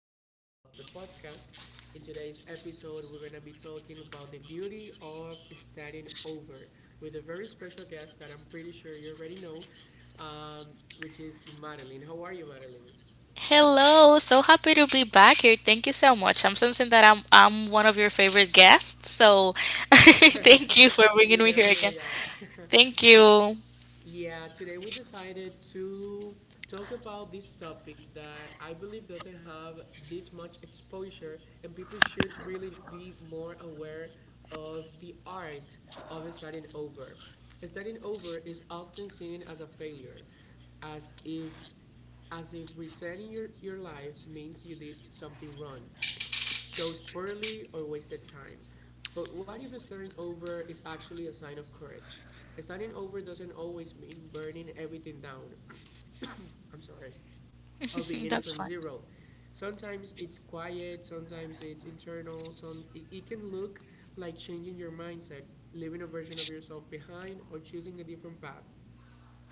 episode of the podcast. In today's episode, we're going to be talking about the beauty of standing over with a very special guest that I'm pretty sure you already know, um, which is Madeline. How are you, Madeline? Hello, so happy to be back here. Thank you so much. I'm sensing that I'm one of your favorite guests, so thank you for bringing You me here again. definitely are. Thank you. Yeah, today we decided to talk about this topic that I believe doesn't have this much exposure, and people should really be more aware of the art of starting over. Starting over is often seen as a failure, as if as if resetting your life means you did something wrong, shows poorly or wasted time. But what if starting over is actually a sign of courage? Starting over doesn't always mean burning everything down. I'm sorry. Or beginning That's from fine. zero. Sometimes it's quiet, sometimes it's internal, it can look like changing your mindset, leaving a version of yourself behind or choosing a different path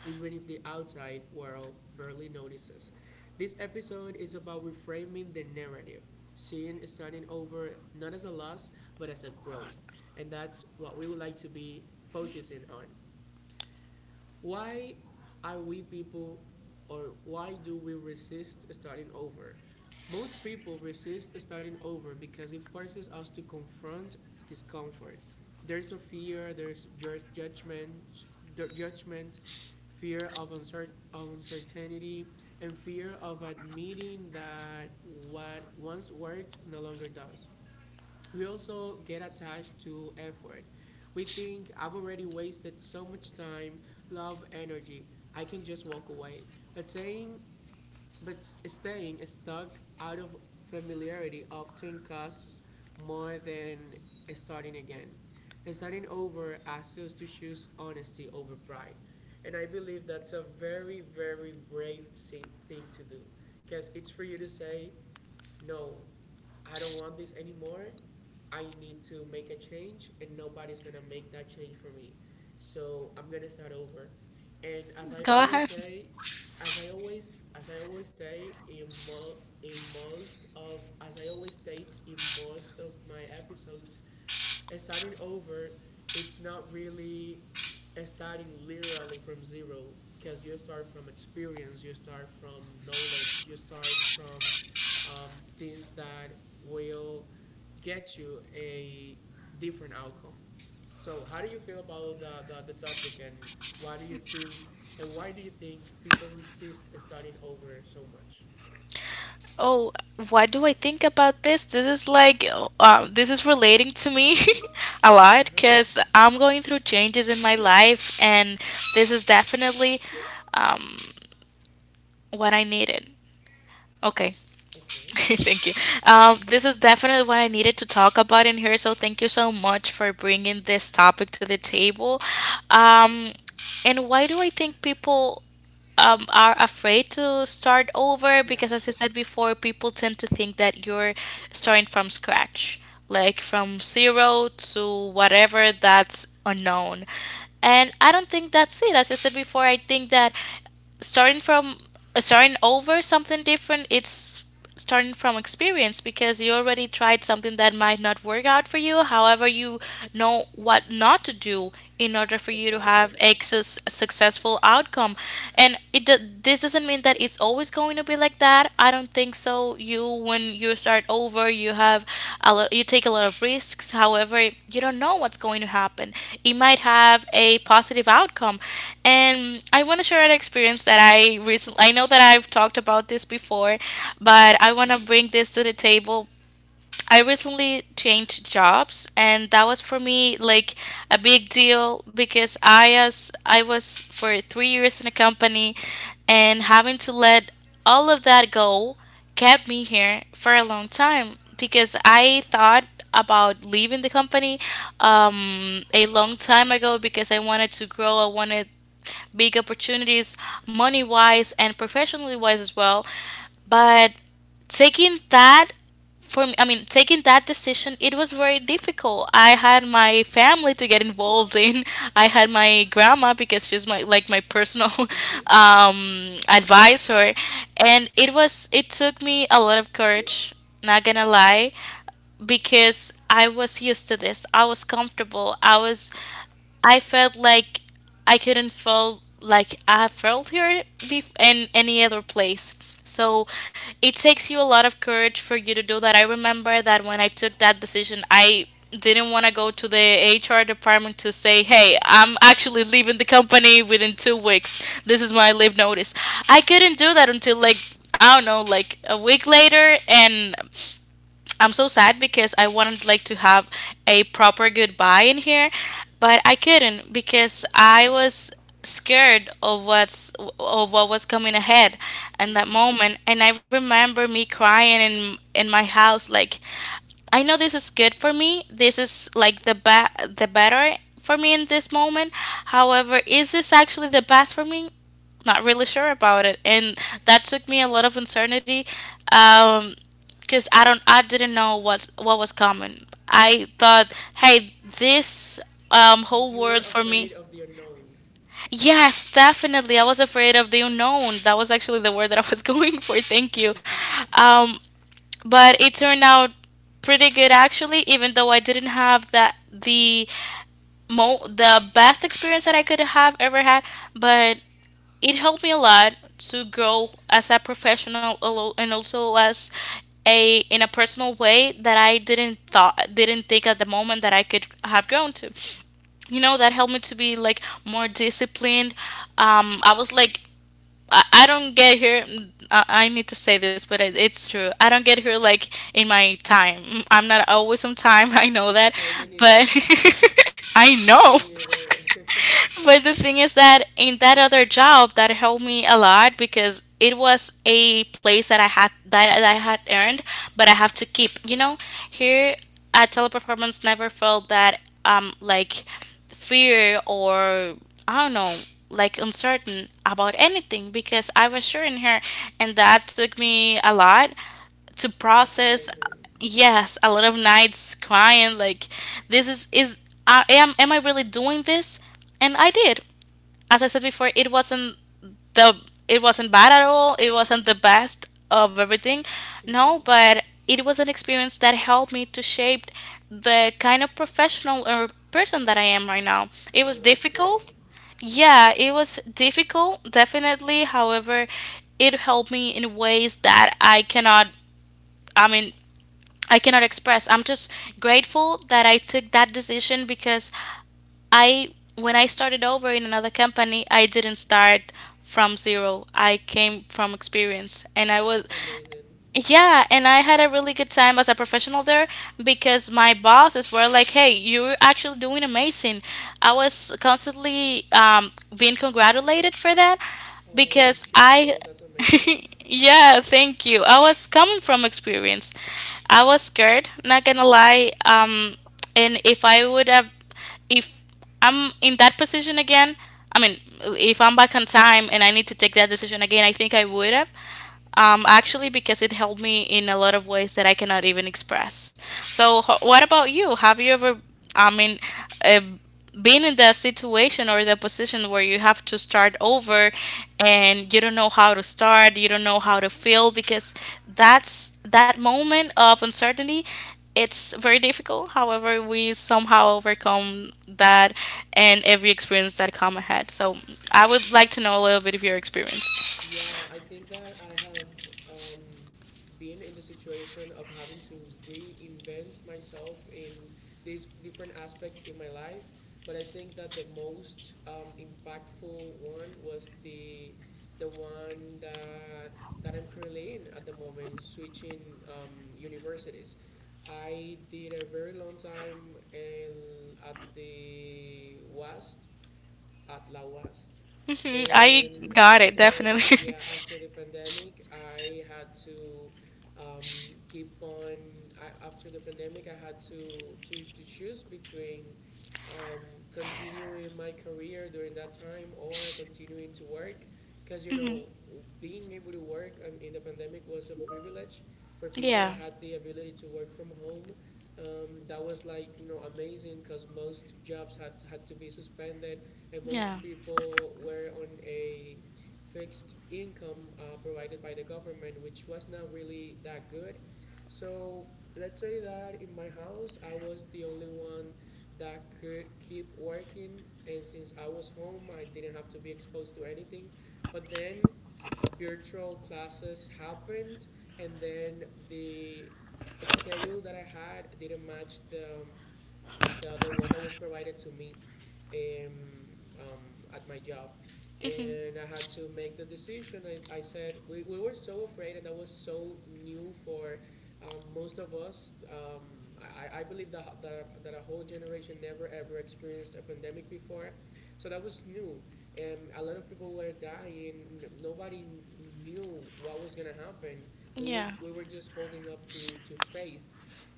even if the outside world barely notices. This episode is about reframing the narrative, seeing starting over not as a loss, but as a growth. And that's what we would like to be focusing on. Why are we people, or why do we resist starting over? Most people resist starting over because it forces us to confront discomfort. There's a fear, there's judgment, fear of uncertainty, and fear of admitting that what once worked no longer does. We also get attached to effort. We think I've already wasted so much time, love, energy. I can just walk away. But saying but staying stuck out of familiarity often costs more than starting again. Starting over asks us to choose honesty over pride. And I believe that's a very, very brave thing to do. Because it's for you to say, no, I don't want this anymore. I need to make a change, and nobody's gonna make that change for me. So I'm gonna start over. And as I Go always ahead. say, as I always say in mo- in most of as I always state in most of my episodes, starting over, it's not really starting literally from zero, because you start from experience, you start from knowledge, you start from um, things that will get you a different outcome. So how do you feel about the topic, and why do you think, and why do you think people resist starting over so much? Oh, what do I think about this? This is relating to me a lot Uh-huh. because I'm going through changes in my life, and this is definitely, um, what I needed. Okay, Okay. thank you. This is definitely what I needed to talk about in here. So thank you so much for bringing this topic to the table. Great. Um, and why do I think people, are afraid to start over? Yeah. Because as I said before, people tend to think that you're starting from scratch, like from zero to whatever that's unknown. And I don't think that's it. As I said before, I think that starting from starting over something different, it's starting from experience because you already tried something that might not work out for you, however you know what not to do in order for you to Exactly. have a successful outcome. And it this doesn't mean that it's always going to be like that? I don't think so. You, when you start over, you have a lot, you take a lot of risks. However, you don't know what's going to happen. It might have a positive outcome. And I want to share an experience that I recently, I know that I've talked about this before, but Mm-hmm. I want to bring this to the table. I recently changed jobs, and that was for me like a big deal because I, as I was for 3 years in a company, and having to let all of that go kept me here for a long time because I thought about leaving the company a long time ago because I wanted to grow, I wanted big opportunities, money wise and professionally wise as well. But taking that, for me, I mean, taking that decision, it was very difficult. I had my family to get involved in. I had my grandma because she's my, like, my personal Mm-hmm. Advisor, and it took me a lot of courage. Not gonna lie, because I was used to this. I was comfortable. I was, I felt like I couldn't feel like I felt here in any other place. So it takes you a lot of courage for you to do that. I remember that when I took that decision, I didn't want to go to the HR department to say, "Hey, I'm actually leaving the company within 2 weeks. This is my leave notice." I couldn't do that until, like, I don't know, like a week later, and I'm so sad because I wanted, like, to have a proper goodbye in here, but I couldn't because I was scared of what's of what was coming ahead in that moment. And I remember me crying in my house, like, I know this is good for me. This is like the the better for me in this moment. However, is this actually the best for me? Not really sure about it, and that took me a lot of uncertainty, um, because I didn't know what was coming. I thought, hey, this, You whole you were world for afraid me. of the unknown. Yes, definitely. I was afraid of the unknown. That was actually the word that I was going for. Thank you. Um, but it turned out pretty good, actually, even though I didn't have that the mo the best experience that I could have ever had. But it helped me a lot to grow as a professional, and also as a, in a personal way that I didn't think at the moment that I could have grown to. You know, that helped me to be like more disciplined. I was like, I don't get here. Mm, I need to say this, but it's true. I don't get here like in my time. I'm not always on time. I know that, Oh, me neither. but I know. Me neither. But the thing is that in that other job, that helped me a lot because it was a place that that I had earned, but I have to keep. You know, here at Teleperformance, never felt that, like, fear or I don't know, like, uncertain about anything because I was sure in her, and that took me a lot to That's process. amazing. Yes, a lot of nights crying, like, this is I am I really doing this? And I did. As I said before, the it wasn't bad at all. It wasn't the best of everything. No, Hmm. but it was an experience that helped me to shape the kind of professional or person that I am right now. It Oh, was that's great. difficult. Yeah, it was difficult, definitely. However, it helped me in ways that I mean I cannot express. I'm just grateful that I took that decision because I, when I started over in another company, I didn't start from zero. I came from experience, and I was, That's amazing. yeah, and I had a really good time as a professional there because my bosses were like, "Hey, you're actually doing amazing." I was constantly, being congratulated for that Oh, because I, cheerful. That's amazing. yeah, thank you. I was coming from experience. I was scared, not gonna lie. And if I would have, if I'm in that position again, I mean, if I'm back on time and I need to take that decision again, I think I would have, actually, because it helped me in a lot of ways that I cannot even express. So, what about you? Have you ever, I mean, uh, been in the situation or the position where you have to start over and you don't know how to start, you don't know how to feel, because that's that moment of uncertainty. It's very difficult. However, we somehow overcome that and every experience that come ahead. So I would like to know a little bit of your experience. Yeah, I think that I have um, been in the situation of having to reinvent myself in these different aspects in my life. But I think that the most impactful one was the one that I'm currently in at the moment, switching universities. I did a very long time in, at the WAST at La West. Hmm, I And got it, after, definitely. yeah, after the pandemic, I had to um, keep on. I, after the pandemic, I had to to choose between um, continuing my career during that time or continuing to work, because you Hmm. know being able to work on- in the pandemic was a privilege for people that Yeah, had the ability to work from home. That was like you know amazing, because most jobs had to be suspended and yeah, most people were on a fixed income, provided by the government, which was not really that good. So let's say that in my house, I was the only one that could keep working, and since I was home, I didn't have to be exposed to anything. But then virtual classes happened, and then the schedule that I had didn't match the the one that was provided to me um, um, at my job. hmm, And I had to make the decision. I said, we were so afraid, and that was so new for most of us. I believe that, that a whole generation never ever experienced a pandemic before. So that was new. A lot of people were dying. Nobody knew what was going to happen. We were, yeah. we were just holding up to faith.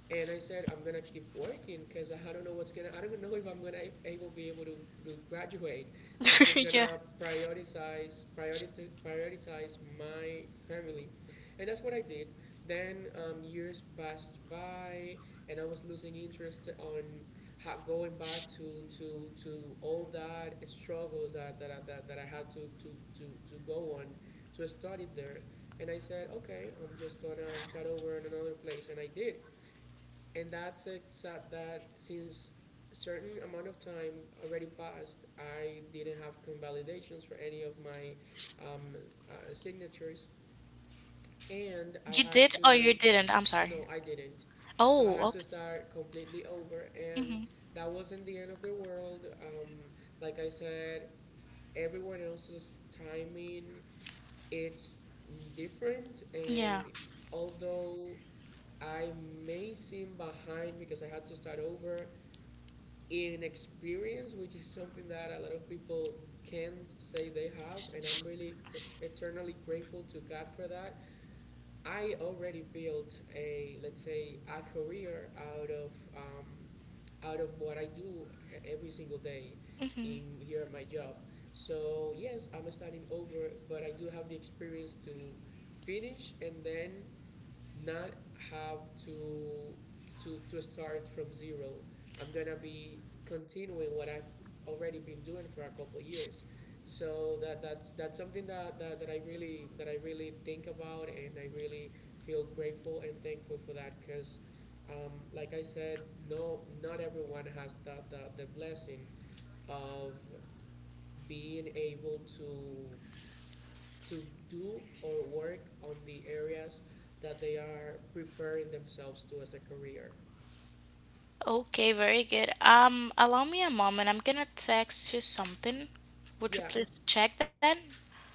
And I said I'm gonna keep working because I don't know what's gonna. I don't know if I'm gonna able be able to graduate. So I'm just Yeah. gonna prioritize my family, and that's what I did. Then years passed by, and I was losing interest on how, going back to to all that struggles that that I had to to go on to study there. And I said, okay, I'm just gonna start over in another place, and I did, and that's it. Sad that since a certain amount of time already passed, I didn't have convalidations for any of my um, signatures, and I You had did, or you to. didn't? I'm sorry. No, I didn't. So I Oh, had to okay. start completely over, and Hmm. that wasn't the end of the world. Like I said, everyone else's timing it's different, and Yeah. although I may seem behind because I had to start over, in experience, which is something that a lot of people can't say they have, and I'm really eternally grateful to God for that. I already built a, let's say, a career out of what I do every single day Mm-hmm. in here at my job. So yes, I'm starting over, but I do have the experience to finish and then not have to to start from zero. I'm gonna be continuing what I've already been doing for a couple of years. So that's something that, that I really think about and I really feel grateful and thankful for that. Because like I said, no, not everyone has the blessing of being able to do or work on the areas that they are preparing themselves to as a career. Yeah,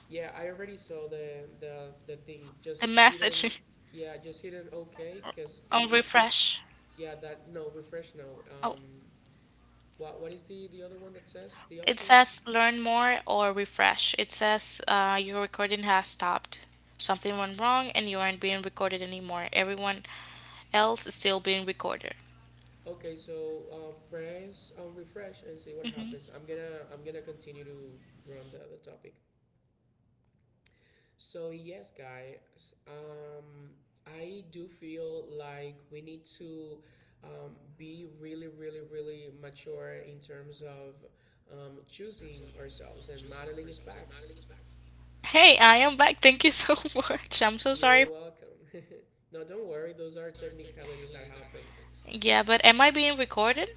yeah, I already saw the thing just hit on. Yeah, just hit on okay because it keeps yeah that no refresh now. What is the other one that says the options? Okay, so press on refresh and see what happens. I'm gonna continue to run the topic. So yes, guys, I do feel like we need to be really, really, really mature in terms of choosing ourselves, and modeling is back. Hey, I am back. Thank you so much. I'm so You're sorry. welcome. No, don't worry. Those are technicalities that happens. Yeah, but am I being recorded?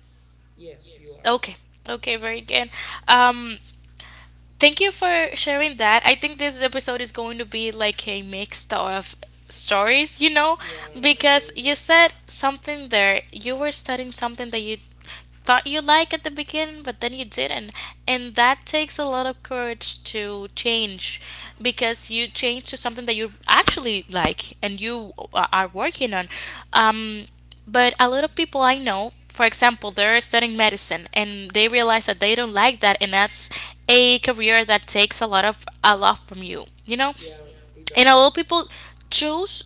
Yes, you are. Okay. Okay, very good. Um Thank you for sharing that. I think this episode is going to be like a mix of stories, you know, Yeah, because agree. you said something there. You were studying something that you thought you liked at the beginning, but then you didn't. And that takes a lot of courage to change because you change to something that you actually like and you, are working on. Um, but a lot of people I know, for example, they're studying medicine and they realize that they don't like that, and that's a career that takes a lot of, a lot from you, you know. Yeah, it And a does. lot of people choose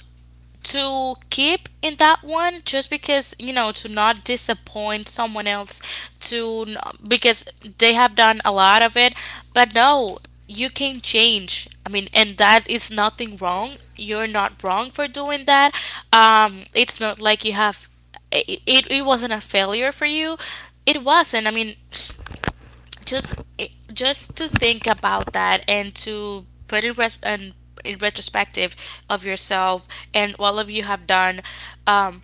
to keep in that one just because, you know, to not disappoint someone else, to because they have done a lot of it. But no, you can change, I mean, and that is nothing wrong. You're not wrong for doing that. It's not like you have, it wasn't a failure for you. It wasn't, I mean, just just to think about that and to put in and in retrospective of yourself and all of you have done, um,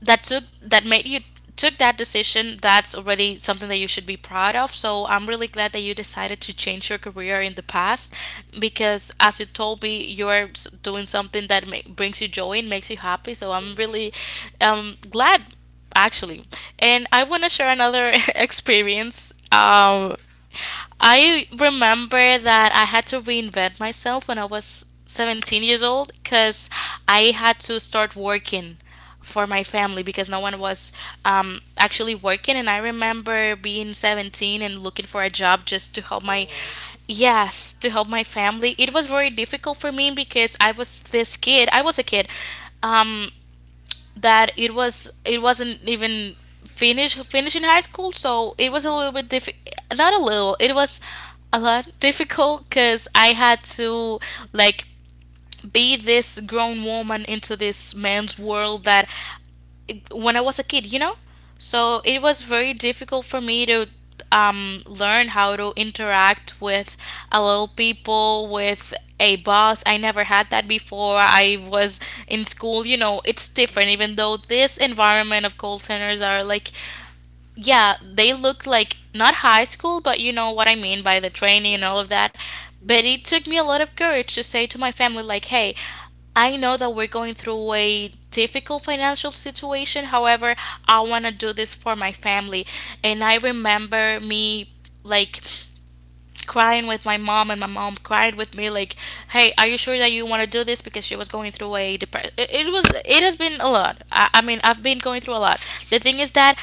that took that made you took that decision, that's already something that you should be proud of. So I'm really glad that you decided to change your career in the past because, as you told me, you're doing something that brings you joy and makes you happy, so Yeah, I'm really, glad, actually. And I want to share another experience. sure. I remember that I had to reinvent myself when I was 17 years old because I had to start working for my family because no one was, actually working. And I remember being 17 and looking for a job just to help my. Wow. Yes, to help my family. It was very difficult for me because I was this kid. I was a kid. Um, that, it wasn't even finished finishing high school, so it was a Mhm. little bit diff not a little, it was a lot difficult because I had to, like, be this grown woman into this man's world that, when I was a kid, you know? So it was very difficult for me to, learn how to interact with a little people, with a boss. I never had that before. I was in school, it's different, Mhm. even though this environment of call centers are like yeah, they looked like not high school, but you know what I mean by the training Yeah. and all of that. But it Mhm. took me a lot of courage to say to my family, like, hey, I know that we're going through a difficult financial situation. However, I want to do this for my family. And I remember me like crying with my mom, and my mom cried with me like, hey, are you sure that you want to do this? Because she was going through a depression. It has been a lot. I mean, I've been going through a lot. The thing is that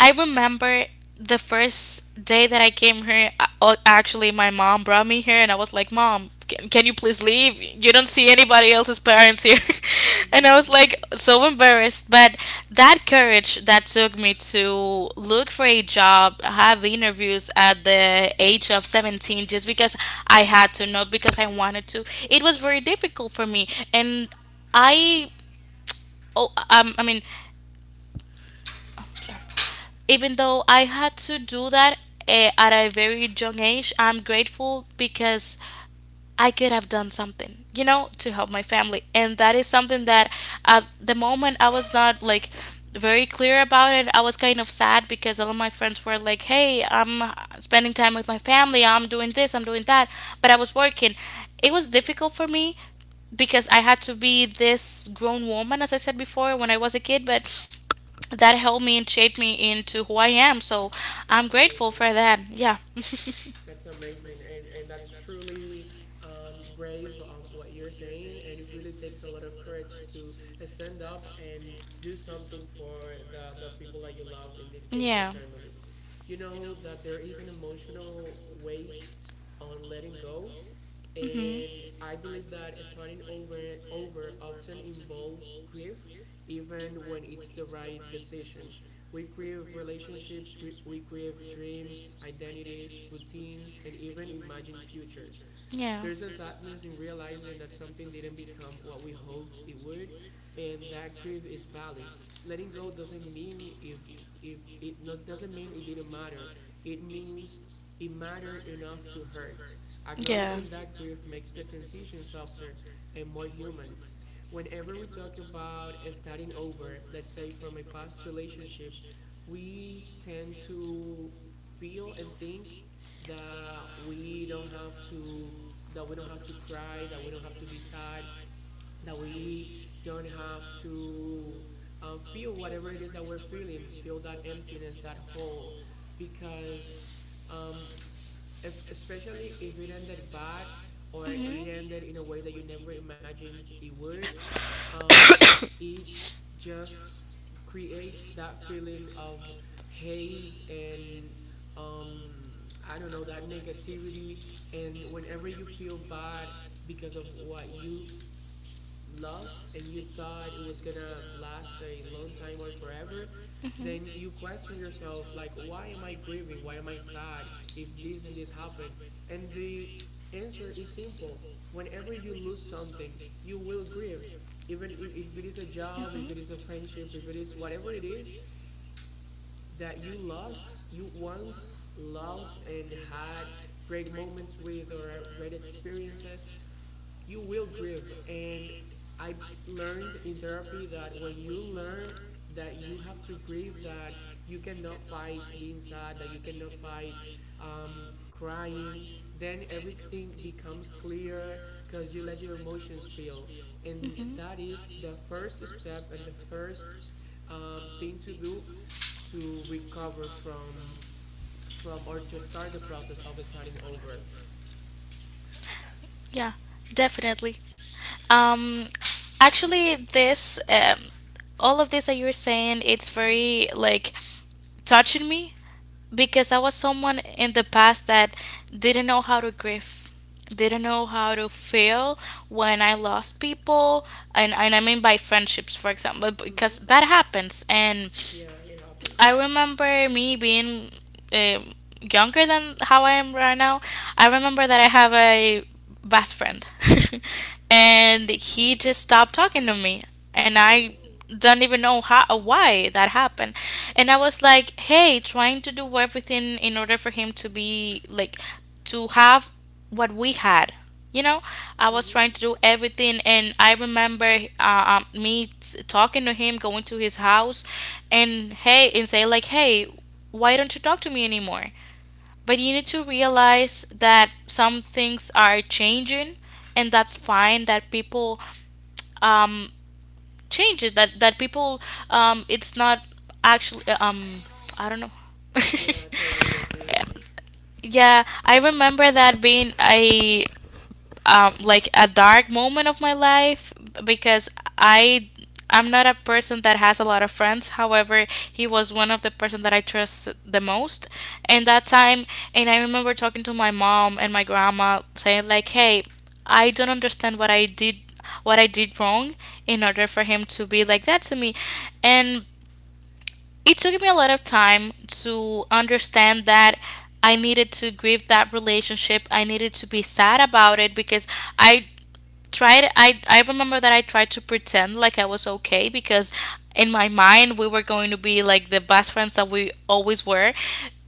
I remember the first day that I came here. Actually, my mom brought me here, and I was like, "Mom, can you please leave? You don't see anybody else's parents here." and I was like so embarrassed, but that courage that took me to look for a job, have interviews at the age of 17 just because I had to, not because I wanted to. It was very difficult for me, and I oh I mean, sorry, even though I had to do that at a very young age, I'm grateful because I could have done something, to help my family. And that is something that at the moment I was not like very clear about it. I was kind of sad because all of my friends were like, hey, I'm spending time with my family, I'm doing this, I'm doing that. But I was working. It was difficult for me because I had to be this grown woman, as I said before, when I was a kid, but that helped me and shaped me into who I am. So I'm That's grateful amazing. for that. Yeah. That's amazing, and that's truly brave, what you're saying, and it really takes a lot of courage to stand up and do something for the people that you love. In this case, your Yeah. family. You know that there is an emotional weight on letting go, and I Hmm. believe that starting over often involves grief, even when it's the right decision. We grieve relationships, we grieve dreams, identities, routines, and even imagined futures. Yeah. There's a sadness in realizing that something didn't become what we hoped it would, and that grief is valid. Letting go doesn't mean if it not, doesn't mean it didn't matter. It means it mattered enough to hurt. Yeah. Acknowledging that grief makes the transition softer and Or. more human. Whenever we talk about starting over, let's say from a past relationship, we tend to feel and think that we don't have to, that we don't have to cry, that we don't have to be sad, that we don't have to feel whatever it is that we're feeling, feel that emptiness, that hole, because um, if, especially if it ended bad, or it ended in a way that you never imagined it would. Um, it just creates that feeling of hate, and um, I don't know, that negativity. And whenever you feel bad because of what you lost and you thought it was gonna last a long time or forever, then Mhm. you question yourself like, why am I grieving, why am I sad, if this and this happened. And the answer is simple. Whenever you lose something, you will grieve, even if it is a job, if it is a friendship, if it is whatever it is that you lost you once loved and had great moments with or great experiences, you will grieve. And I learned in therapy that when you learn that you have to grieve, that you cannot fight being sad, that you cannot fight crying, then everything becomes clear because you let your emotions feel. And that is the first step and the first thing to do to recover from or to start the process of starting over. Yeah, definitely. Um, Actually, all of this that you're saying, it's Mm-hmm. very like touching me because I was someone in the past that didn't know how to grieve, didn't know how to feel when I lost people, and I mean by friendships, for example, Mm-hmm. because that happens and. Yeah, it happens. I remember me being um, younger than how I am right now. I remember that I have a best friend, and he just stopped talking to me, and Oh. I don't even know how why that happened. And I was like, hey, trying to do everything in order for him to be like to have what we had you know I was Mm-hmm. trying to do everything, and I remember me talking to him, going to his house, and, hey, and say like, hey, why don't you talk to me anymore? But you need to realize that some things are changing, and that's fine, that people um changes, that people, it's not, actually, I don't know. Yeah, I totally agree. Yeah, I remember that being a like a dark moment of my life, because I I'm not a person that has a lot of friends. However, he was one of the person that I trust the most. And that time, and I remember talking to my mom and my grandma saying like, "Hey, I don't understand what I did wrong, in order for him to be like that to me," and it took me a lot of time to understand that I needed to grieve that relationship. I needed to be sad about it, because I I remember that I tried to pretend like I was okay, because in my mind we were going to be like the best friends that we always were,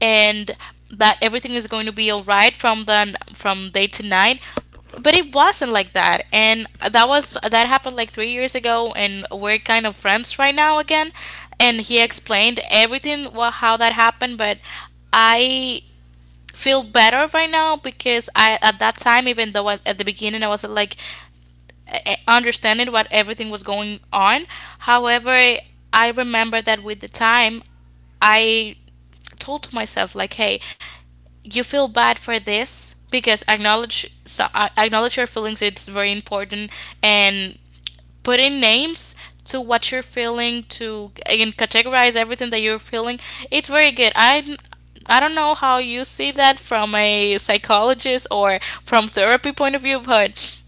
and that everything is going to be all right from day to night, but it wasn't like that. And that happened like 3 years ago, and we're kind of friends right now again, and he Okay. explained everything well, how that happened. But I feel better right now, because I, at that time, even though at the beginning I was like, understanding what everything was going on. However, I remember that with the time, I told to myself like, "Hey, you feel bad for this, because acknowledge so, acknowledge your feelings. It's very important and." Put in names to what you're feeling to, and categorize everything that you're feeling, it's very good. I don't know how you see that from a psychologist or from therapy point of view, but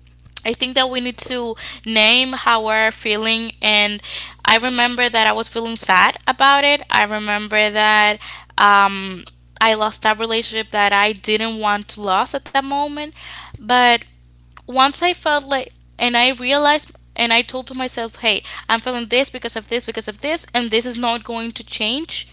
I think that we need to name how we're feeling. And I remember that I was feeling sad about it. I remember that um, I lost that relationship that I didn't want to lose at that moment. But once I felt like, and I realized, and I told to myself, hey, I'm feeling this because of this, because of this, and this is not going to change.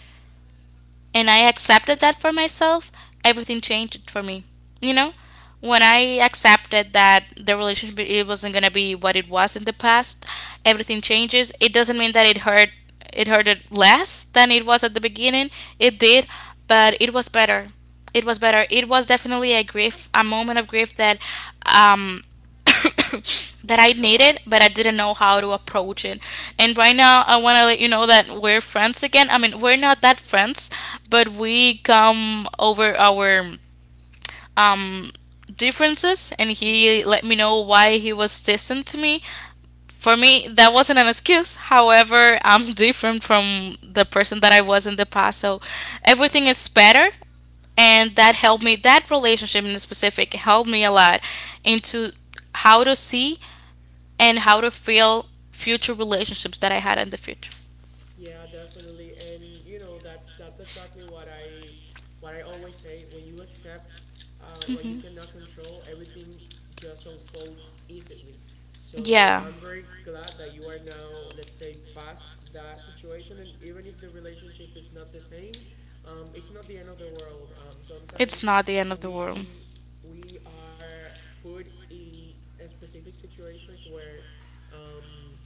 And I accepted that for myself, everything changed for me. You know, when I accepted that the relationship it wasn't gonna be what it was in the past, everything changes. It doesn't mean that it hurt. It hurted less than it was at the beginning. It did, but it was better. It was better. It was definitely a grief, a moment of grief that um, that I needed, but I didn't know how to approach it. And right now, I want to let you know that we're friends again. I mean, we're not that friends, but we come over our um differences, and Mm-hmm. he let me know why he was distant to me. For me, that wasn't an excuse. However, I'm different from the person that I was in the past. So everything is better, and that relationship in specific helped me a lot into how to see and how to feel future relationships that I had in the future. Yeah, definitely. And you know, that's exactly what I always say. When you accept what you Hmm. cannot control, everything just unfolds easily. So Yeah. I'm very glad that you are now, let's say, past that situation. And even if the relationship is not the same, it's not the end of the world. It's Sometimes not the end of the world. we we are put in a specific situations where um,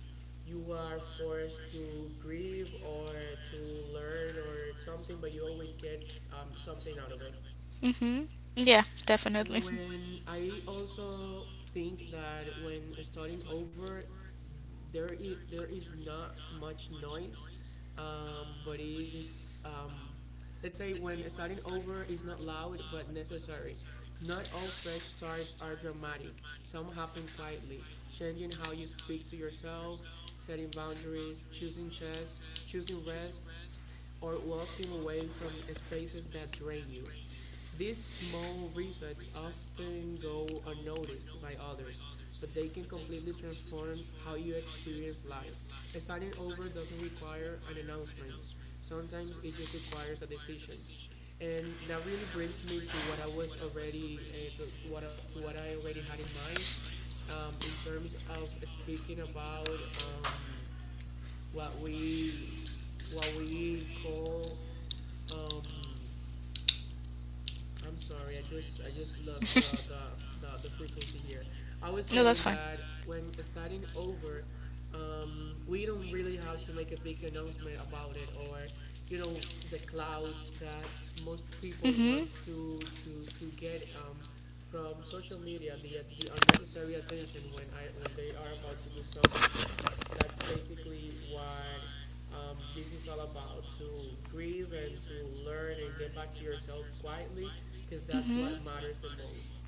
you are forced to grieve or to learn or something, but you always get something out of it. Hmm. Yeah, definitely. When I also think that when starting over, there is not much noise, but is let's say when starting over is not loud but necessary. Not all fresh starts are dramatic. Some happen quietly, changing how you speak to yourself, setting boundaries, choosing tests, choosing rest, or walking away from spaces that drain you. These small results often go unnoticed by others, but they can completely transform how you experience life. Starting over doesn't require an announcement. Sometimes it just requires a decision, and that really brings me to what I was already to what to what I already had in mind in terms of speaking about what we what we call um, I'm sorry. I just lost the frequency here. I was No, that's saying fine. that when starting over, we don't really have to make a big announcement about it, or you know the cloud that most people Mm-hmm. wants to get from social media the unnecessary attention when I when they are about to do something. That's basically what this is all about to grieve and to learn and get back to yourself quietly because that's Mm-hmm. what matters the most.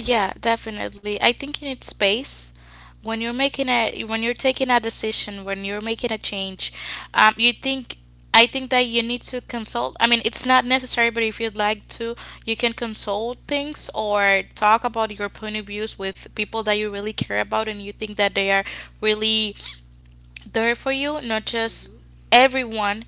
Yeah, definitely. I think you need space when you're making a when you're taking a decision, when you're making a change. You think I think that you need to consult. I mean, it's not necessary, but if you'd like to, you can consult things or talk about your point of views with people that you really care about and you think that they are really there for you, not just hmm everyone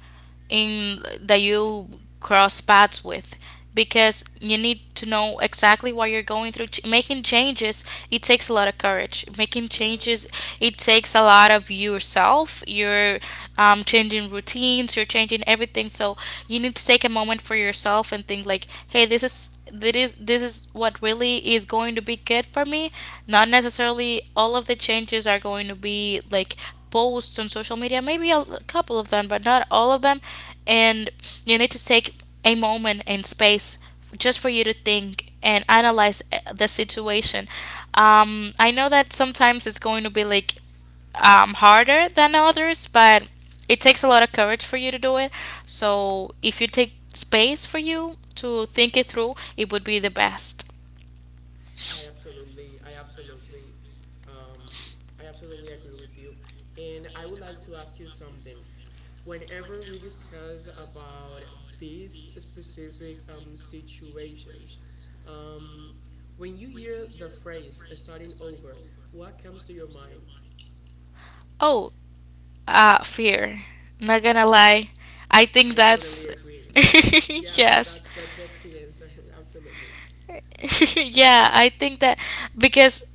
in that you cross paths with, because you need to know exactly what you're going through. Making changes, it takes a lot of courage. Making Yeah, changes, it takes a lot of yourself. You're changing routines, you're changing everything, so you need to take a moment for yourself and think like, hey, this is this is what really is going to be good for me. Not necessarily all of the changes are going to be like posts on social media, maybe a couple of them, but not all of them. And you need to take a moment and space just for you to think and analyze the situation. I know that sometimes it's going to be like harder than others, but it takes a lot of courage for you to do it. So if you take space for you to think it through, it would be the best. I absolutely, I absolutely, um, I absolutely agree with you. And I would like to ask you something. Whenever we discuss about these specific situations, um, when you hear the phrase starting over, what comes to your mind? Oh, fear. Not gonna lie. I think I that's. totally agree. That's yeah, that Yes. that, that that's the answer. Absolutely. Yeah, I think that, because,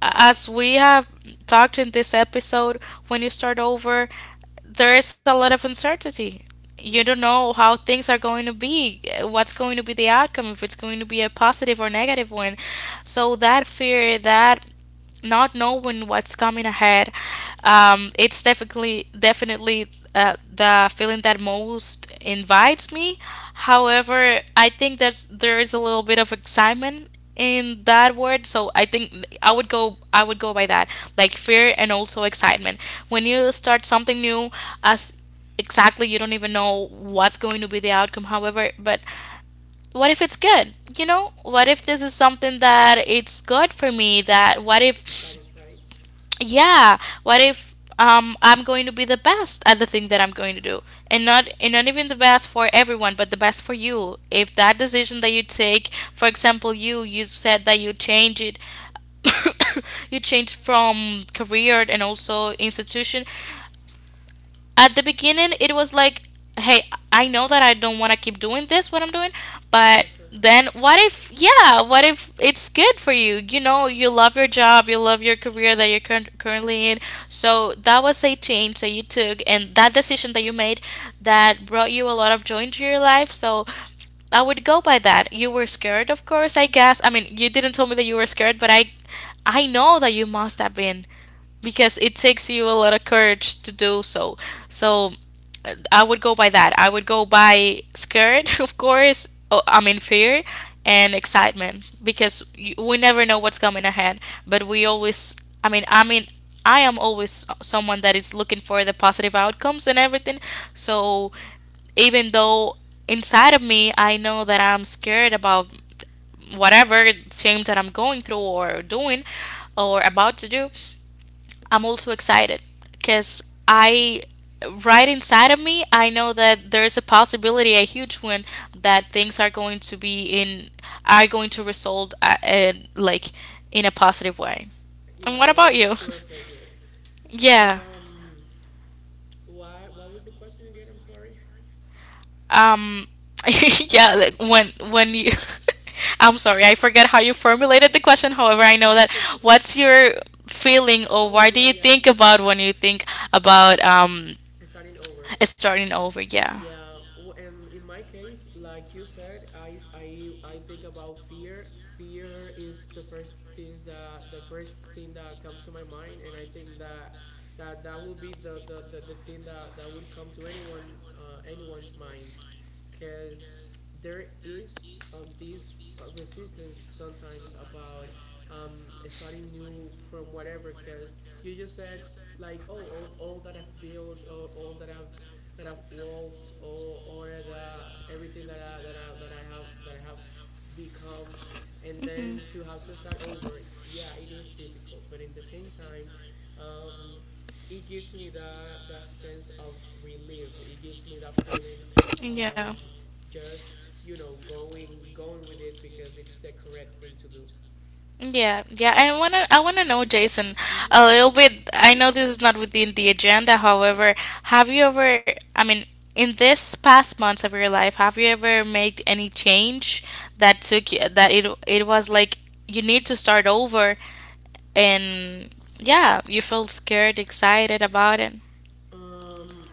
as we have talked in this episode, when you start over, there is a lot of uncertainty. You don't Mm-hmm. know how things are going to be, what's going to be the outcome, if it's going to be a positive or negative one. So that fear, that not knowing what's coming ahead, it's definitely the feeling that most invites me. However, I think that's there is a little bit of excitement in that word, so I think I would go by that, like fear and also excitement. When you start something new, as exactly you don't even know what's going to be the outcome. However, but what if it's good? What if this is something that it's good for me? That what if, That is right. yeah, what if I'm going to be the best at the thing that I'm going to do. And not even the best for everyone, but the best for you. If that decision that you take, for example, you said that you change it. You change from career and also institution. At the beginning it was like, hey, I know that I don't want to keep doing this what I'm doing, but then what if, yeah, what if it's good for you? You know, you love your job, you love your career that you're currently in. So that was a change that you took, and that decision that you made, that brought you a lot of joy into your life. So I would go by that. You were scared, of course, I guess. I mean, you didn't tell me that you were scared, but I know that you must have been because it takes you a lot of courage to do so. So I would go by that. I would go by scared, of course. Oh, I mean fear and excitement because we never know what's coming ahead. But we always, I mean, I am always someone that is looking for the positive outcomes and everything. So even though inside of me I know that I'm scared about whatever change that I'm going through or doing or about to do, I'm also excited because I, right inside of me, I know that there is a possibility, a huge one, that things are going to are going to result like in a positive way. And Yeah, what about works you? to our favor. yeah. Um, why? What was the question again? I'm sorry. Um. yeah. Like when you. I'm sorry, I forget how you formulated the question. However, I know that what's your feeling or oh, what do yo, you yeah. think about when you think about Starting over. it's starting over, yeah. Yeah, and in my case, like you said, I think about fear. Fear is the first things that the first thing that comes to my mind, and I think that that will be the thing that that would come to anyone anyone's mind, because there is this resistance sometimes about starting new from whatever, because you just said like oh all that I've built or all that I've walked or the everything that I have that I have become and Hmm. then to have to start over. Yeah, it is difficult, but in the same time um, it gives me that sense of relief. It gives me that feeling Yeah. of just, you know, going with it because it's the correct thing to do. Yeah, yeah. I wanna know, Jason, a Mm-hmm. little bit. I know this is not within the agenda. However, have you ever? I mean, in this past months of your life, have you ever made any change that took you? That it was like you need to start over, and yeah, you felt scared, excited about it. Um,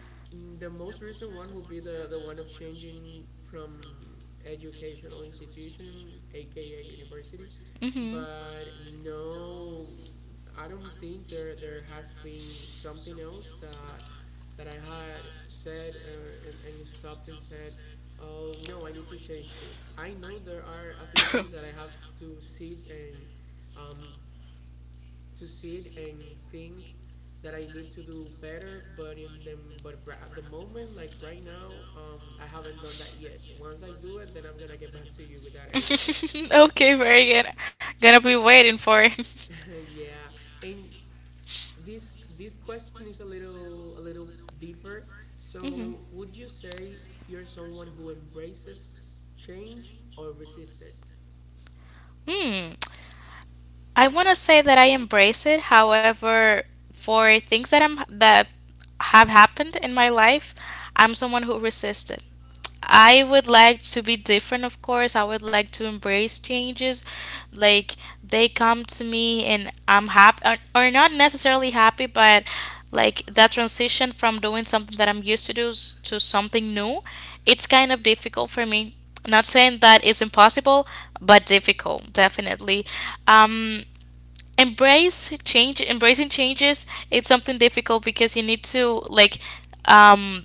the most recent one will be the one of changing from educational institution, aka university. Mm-hmm. But no, I don't think there has been something else that that I had said and stopped and said, oh no, I need to change this. I know there are a few things that I have um, to sit and think that I need to do better. But in the but r- at the moment, like right now, I haven't done that yet. Once I do it, then I'm gonna get back to you with that with answer. that. okay, very good. Gonna be waiting for it. Yeah, and this question is a little deeper. Hmm. So, would you say you're someone who embraces change or resists it? Hmm. I want to say that I embrace it. However, for things that I'm that have happened in my life, I'm someone who resisted. I would like to be different, of course. I would like to embrace changes. Like they come to me and I'm happy, or not necessarily happy, but like that transition from doing something that I'm used to something new, it's kind of difficult for me. Not saying that it's impossible, but difficult, definitely. Um, embrace change, embracing changes, it's something difficult because you need to like um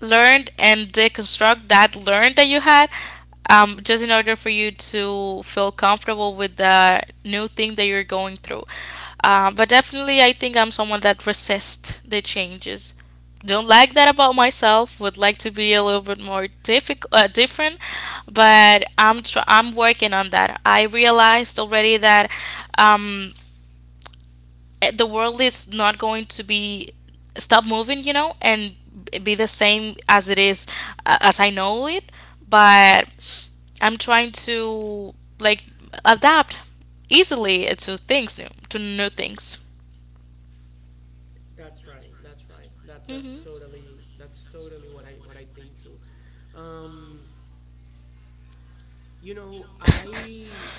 learned and deconstruct that learn that you had, just in order for you to feel comfortable with the new thing that you're going through. But definitely, I think I'm someone that resists the changes. Don't like that about myself. Would like to be a little bit more different, but I'm working on that. I realized already that, um, the world is not going to be stop moving, you know, and be the same as it is, as I know it. But I'm trying to like adapt easily to to new things. That's right. That's right. That's totally that's totally what I think too. Um, you know, I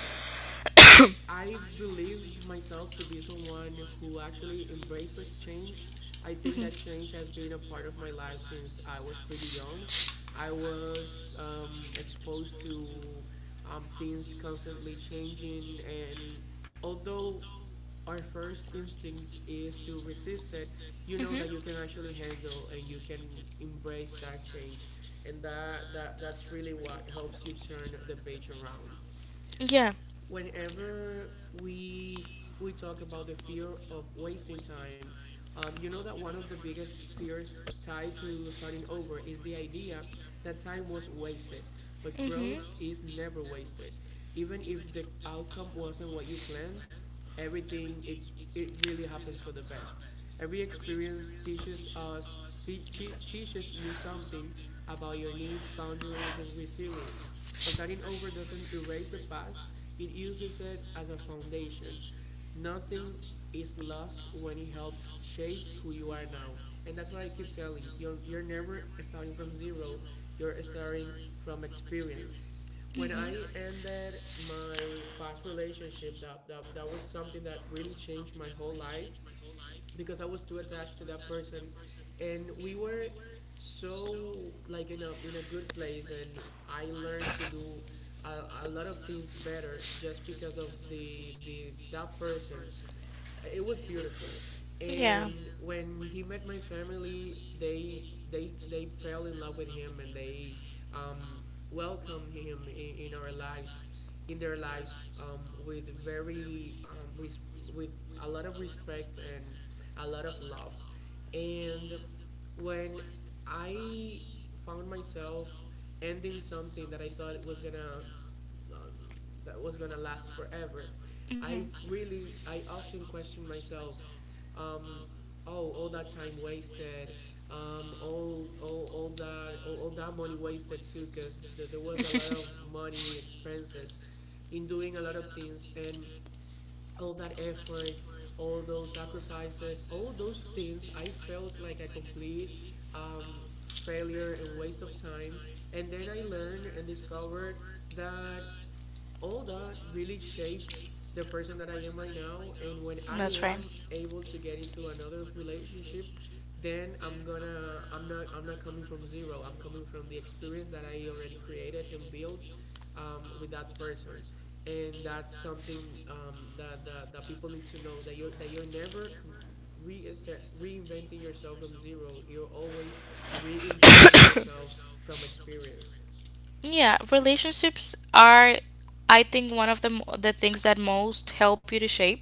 I believe myself to be someone who actually embraces change. I think Hmm. that change has been a part of my Hmm. life since I was pretty young. I was exposed to things constantly changing, and although our first instinct is to resist it, you know Mhm. that you can actually handle and you can embrace that change, and that that's really what helps you turn the page around. Yeah. Whenever we we talk about the fear of wasting time, you know that one of the biggest fears tied to starting over is the idea that time was wasted. But Mhm. growth is never wasted. Even if the outcome wasn't what you planned, everything it's it really happens for the best. Every experience teaches us te- te- teaches you something about your needs, boundaries, and resilience. Starting over doesn't erase the past, it uses it as a foundation. Nothing is lost when it helped shape who you are now. And that's what I keep telling. You're never starting from zero. You're starting from experience. When Mhm. I ended my past relationship, that was something that really changed my whole life because I was too attached to that person, and we were so like in a good place, and I learned to do a lot of things better just because of the that person. It was beautiful, Yeah. and when he met my family, they fell in love with him, and they um, welcomed him in our lives, in their lives, with a lot of respect and a lot of love. And when I found myself ending something that I thought was gonna um, last forever, Mhm. I really, I often question myself. Um, oh, all that time wasted. All that money wasted too, because there was a lot of money expenses in doing a lot of things, and all that effort, all those sacrifices, all those things, I felt like a complete um, failure and waste of time. And then I learned and discovered that all that really shaped the person that I am right now. And when I That's right. am able to get into another relationship, then I'm not I'm not coming from zero. I'm coming from the experience that I already created and built with that person. And that's something that people need to know, that you're never re reinventing yourself from zero. You're always reinventing yourself from experience. Yeah, relationships are, I think, one of the things that most help you to shape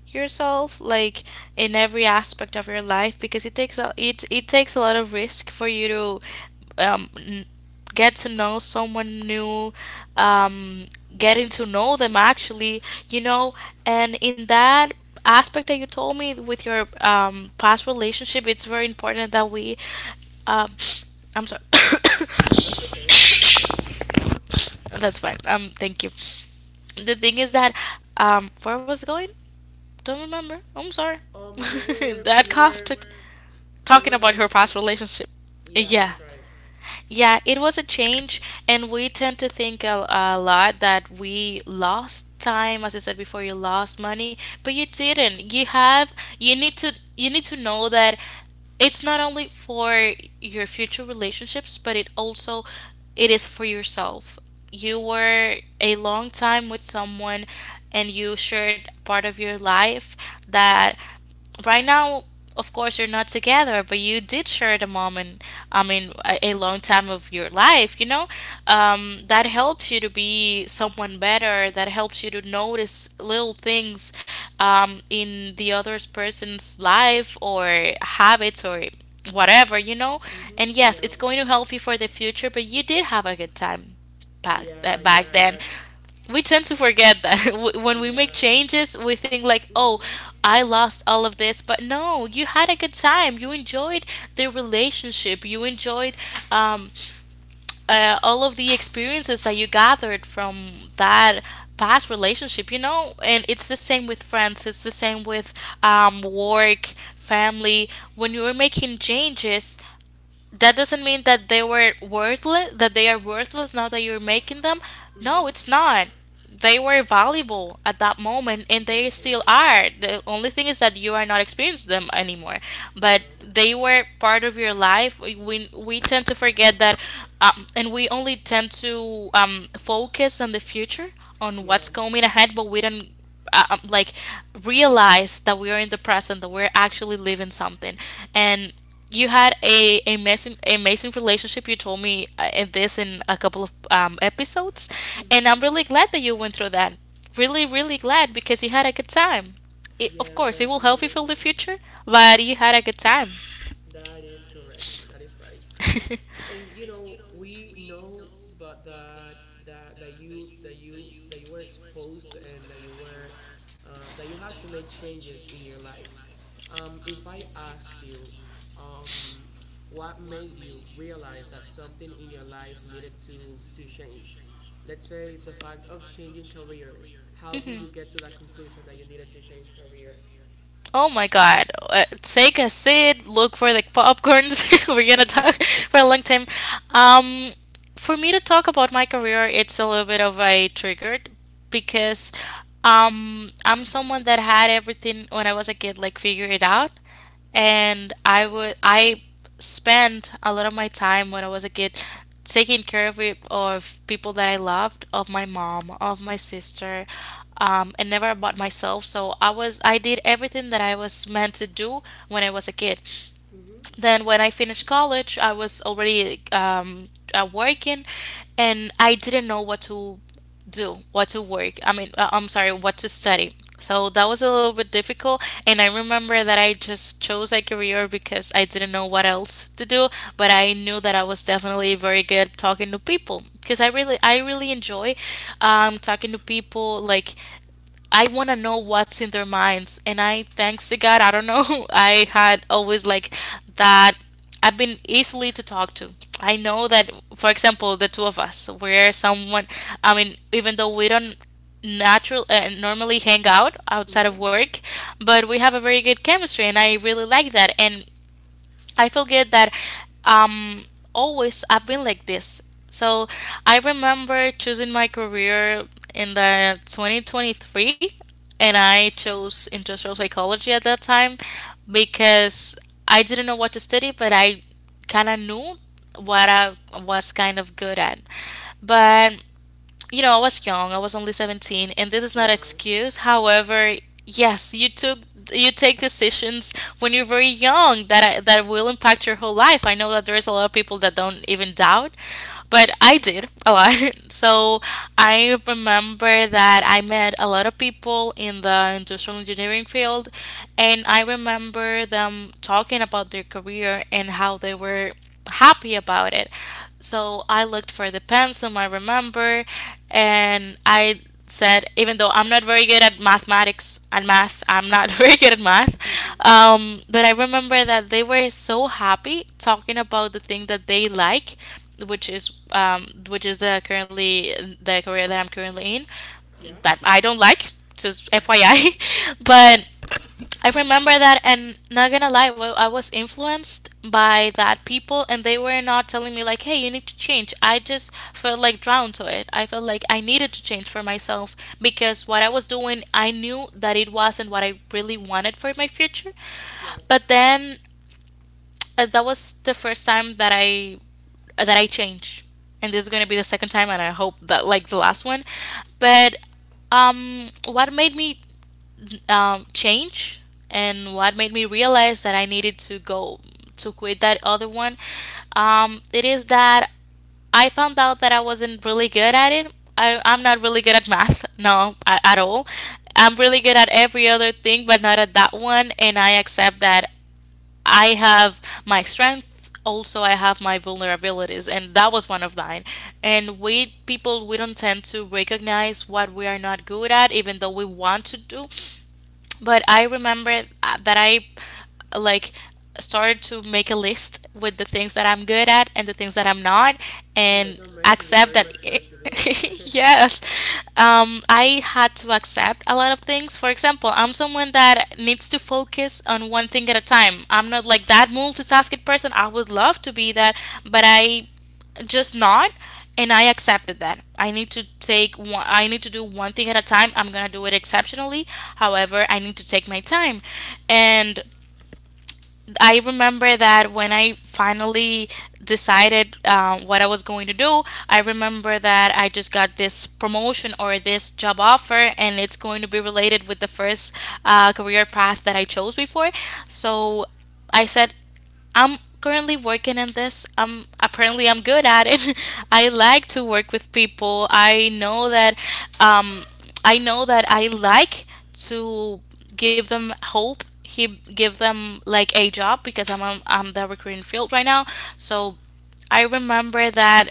yourself, like in every aspect of your life, because it takes a lot of risk for you to, um, n- get to know someone new, um, getting to know them actually, you know, and in that aspect that you told me with your past relationship, it's very important that we. Um, I'm sorry. That's okay. That's fine. Thank you. The thing is that, where was I going? Don't remember, I'm sorry. You were That cough took. you Talking were about her mentioned. past relationship. Yeah, Yeah. that's right. Yeah, it was a change, and we tend to think a lot that we lost time, as I said before, you lost money, but you didn't. You need to know that it's not only for your future relationships, but it also it is for yourself. You were a long time with someone, and you shared part of your life that, right now, of course, you're not together, but you did share the moment. I mean, a long time of your life. That helps you to be someone better, that helps you to notice little things, in the other person's life or habits or whatever. Mm-hmm. And yes, Yeah. it's going to help you for the future, but you did have a good time back Yeah, that back yeah, and then. that's We tend to forget that. When we make yeah. changes, we think like, oh, Mm-hmm. I lost all of this, but no, you had a good time, you enjoyed the relationship, you enjoyed, um, all of the experiences that you gathered from that past relationship. And it's the same with friends, it's the same with work, family. When you are making changes, that doesn't mean that they were worthless, that they are worthless now that you're making them. Mm-hmm. No, it's not. They were valuable at that moment, and they still Definitely. are. The only thing is that you are not experiencing them anymore, Yeah. but they were part of your life. We, tend to forget that, and we only tend to, focus on the future, on what's Yeah. coming ahead. But we don't, like, realize that we are in the present, that we're actually living something. And you had a amazing amazing relationship, you told me, in this in a couple of episodes. And Mm-hmm. I'm really glad that you went through that. Really, really glad, because you had a good time. Of Yeah, course, it will help you definitely. for the future, but you had a good time. That is correct. That is right. And you know, we know, but that you that you that you were exposed and that you were that you had to make changes in your life. If I asked you, um, what made you realize that something in your life needed to change? Let's say the fact of changing careers. How did you get to that conclusion that you needed to change career? Oh my god. Take a seat, look for the popcorns. We're gonna talk for a long time. Um for me to talk about my career, it's a little bit of a triggered because, I'm someone that had everything when I was a kid, like figured it out, and I spent a lot of my time when I was a kid taking care of it of people that I loved, of my mom, of my sister, and never about myself. So, I did everything that I was meant to do when I was a kid. Mm-hmm. Then when I finished college, I was already, working, and I didn't know what to do, what to work. I mean, I'm sorry, what to study. So that was a little bit difficult, and I remember that I just chose a career because I didn't know what else to do, but I knew that I was definitely very good talking to people, because I really enjoy, talking to people. Like, I want to know what's in their minds. And I, thanks to God, I don't know, I had always like that. I've been easily to talk to. I know that, for example, the two of us, where someone, I mean, even though we don't natural normally hang out outside Mm-hmm. of work, but we have a very good chemistry, and I really like that. And I forget that, um always I've been like this. So I remember choosing my career in the 2023, and I chose industrial psychology at that time because I didn't know what to study, but I kind of knew what I was kind of good at. But you know, I was young. I was only 17, and this is Yeah. not an excuse. However, yes, you take decisions when you're very young that will impact your whole life. I know that there is a lot of people that don't even doubt, but I did a lot. So I remember that I met a lot of people in the industrial engineering field, and I remember them talking about their career and how they were happy about it. So I looked for the pencil, I remember, and I said, even though I'm not very good at mathematics and math, I'm not very good at math, but I remember that they were so happy talking about the thing that they like, which is the career that I'm currently in, Yeah. that I don't like, just FYI. but I remember that, and not gonna lie, I was influenced by that people, and they were not telling me like, "Hey, you need to change." I just felt like drawn to it. I felt like I needed to change for myself because what I was doing, I knew that it wasn't what I really wanted for my future. Yeah. But then, that was the first time that I changed, and this is gonna be the second time, and I hope that like the last one. But, what made me, change and what made me realize that I needed to go to quit that other one, it is that I found out that I wasn't really good at it. I'm not really good at math, no, at all. I'm really good at every other thing, but not at that one. And I accept that I have my strength. Also, I have my vulnerabilities, and that was one of mine. And we people, we don't tend to recognize what we are not good at, even though we want to do. But I remember that I like started to make a list with the things that I'm good at and the things that I'm not, Oh, that's and amazing. I'm accept very that. mature to do that. yes, I had to accept a lot of things. For example, I'm someone that needs to focus on one thing at a time. I'm not like that multitasking person. I would love to be that, but I just not and I accepted that I need to do one thing at a time. I'm gonna do it exceptionally, however I need to take my time. And I remember that when I finally decided what I was going to do, I remember that I just got this promotion or this job offer, and it's going to be related with the first career path that I chose before. So I said, I'm currently working in this. Apparently I'm good at it. I like to work with people. I know that. um, I know that I like to give them hope. He Give them like a job, because I'm the recruiting field right now. So I remember that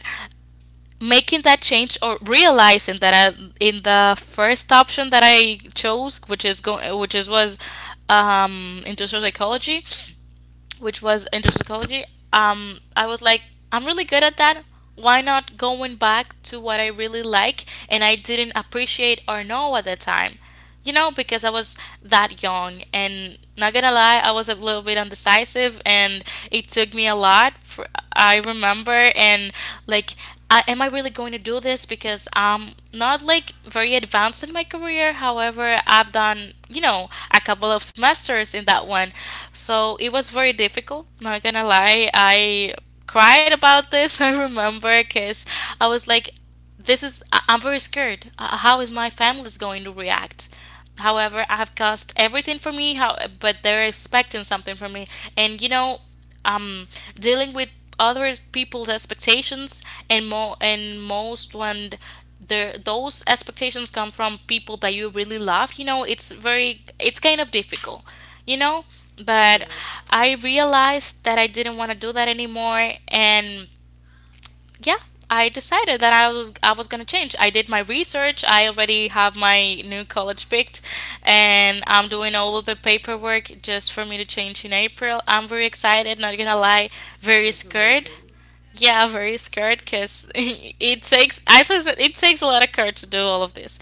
making that change, or realizing that I, in the first option that I chose, which is, was industrial psychology, which was interpsychology, I was like, I'm really good at that. Why not going back to what I really like and I didn't appreciate or know at the time? You know, because I was that young. And not gonna lie, I was a little bit undecisive, and it took me a lot. For, I remember, and like, I, am I really going to do this? Because I'm not like very advanced in my career. However, I've done, you know, a couple of semesters in that one. So it was very difficult, not gonna lie. I cried about this, I remember, because I was like, this is I'm very scared. How is my family is going to react? However, I have cost everything for me, how, but they're expecting something from me. And you know, um dealing with other people's expectations, and more and most when there those expectations come from people that you really love, you know, it's very, it's kind of difficult, you know. But Yeah, I realized that I didn't want to do that anymore. And yeah, I decided that I was going to change. I did my research, I already have my new college picked, and I'm doing all of the paperwork just for me to change in April. I'm very excited, not gonna lie. Very that's scared. amazing. Yeah, very scared, because it takes, I says, it takes a lot of courage to do all of this.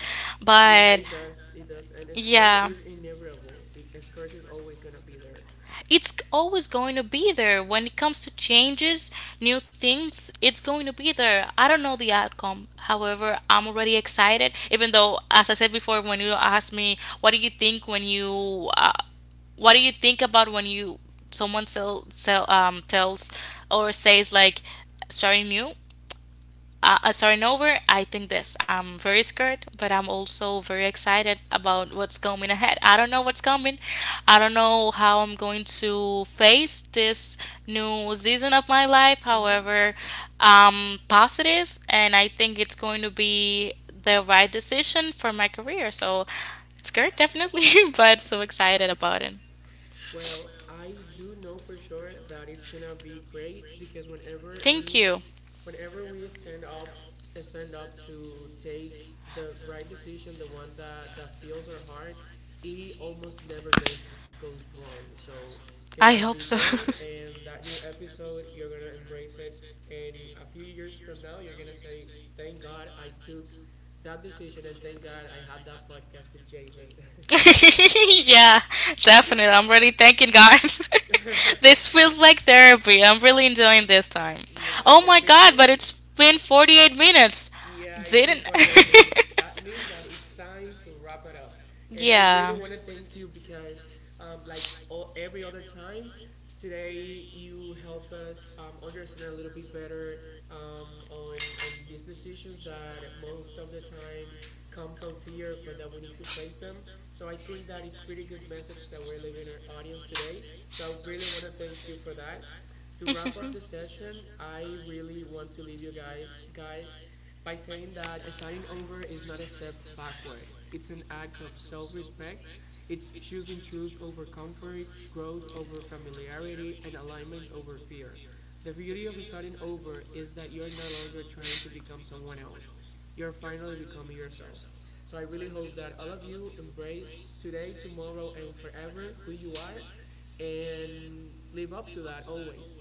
Yeah, But it does. It does. And scare yeah, is inevitable. It, scare is always gonna be there. it's always going to be there when it comes to changes. New things, it's going to be there. I don't know the outcome, however I'm already excited. Even though, as I said before, when you asked me, what do you think when you what do you think about when you someone tells or says like starting new, starting over, I think this. I'm very scared, but I'm also very excited about what's coming ahead. I don't know what's coming. I don't know how I'm going to face this new season of my life. Mm-hmm. However, I'm positive, and I think it's going to be the right decision for my career. So, scared definitely, but so excited about it. Well, I do know for sure that it's gonna be great because Thank you. whenever we stand up to take the right decision, the one that that fills our heart, it almost never goes wrong. So it's I gonna hope be so. great, and that new episode, you're gonna embrace it. And a few years from now, you're gonna say, "Thank God I took." that decision, and thank God I had that podcast with Jason. yeah, definitely. I'm really thanking God. this feels like therapy. I'm really enjoying this time. Yeah, Oh yeah, my me God, too. but it's been 48 minutes. Yeah, it's been Didn't. 48 minutes. That means that it's time to wrap it up. And I really yeah. want to thank you because, like all, every other time, today you help us understand a little bit better on these decisions that most of the time come from fear, but that we need to face them. So I think that it's pretty good message that we're leaving our audience today. So I really want to thank you for that. To wrap up the session, I really want to leave you guys by saying that starting over is not a step backward. It's an act of self respect. It's choosing truth over comfort, growth over familiarity, and alignment over fear. The beauty of starting over is that you're no longer trying to become someone else, you're finally becoming yourself. So I really hope that all of you embrace today, tomorrow, and forever who you are and live up to that always.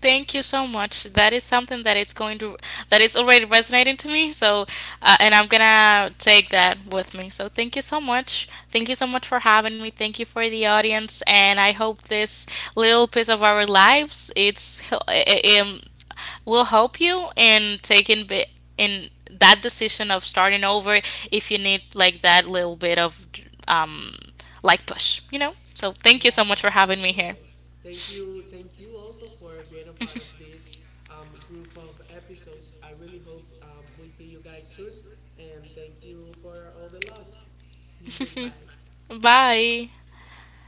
Thank you so much. That is something that it's going to that is already resonating to me. So, and I'm gonna take that with me. So, thank you so much. Thank you so much for having me. Thank you for the audience, and I hope this little piece of our lives it's, um, will help you in taking bit in that decision of starting over, if you need like that little bit of um like push, you know. So, thank you Yeah, so much for totally, having me here. totally. Thank you also for being a part of this group of episodes. I really hope we see you guys soon, and thank you for all the love. Goodbye. Bye. Bye.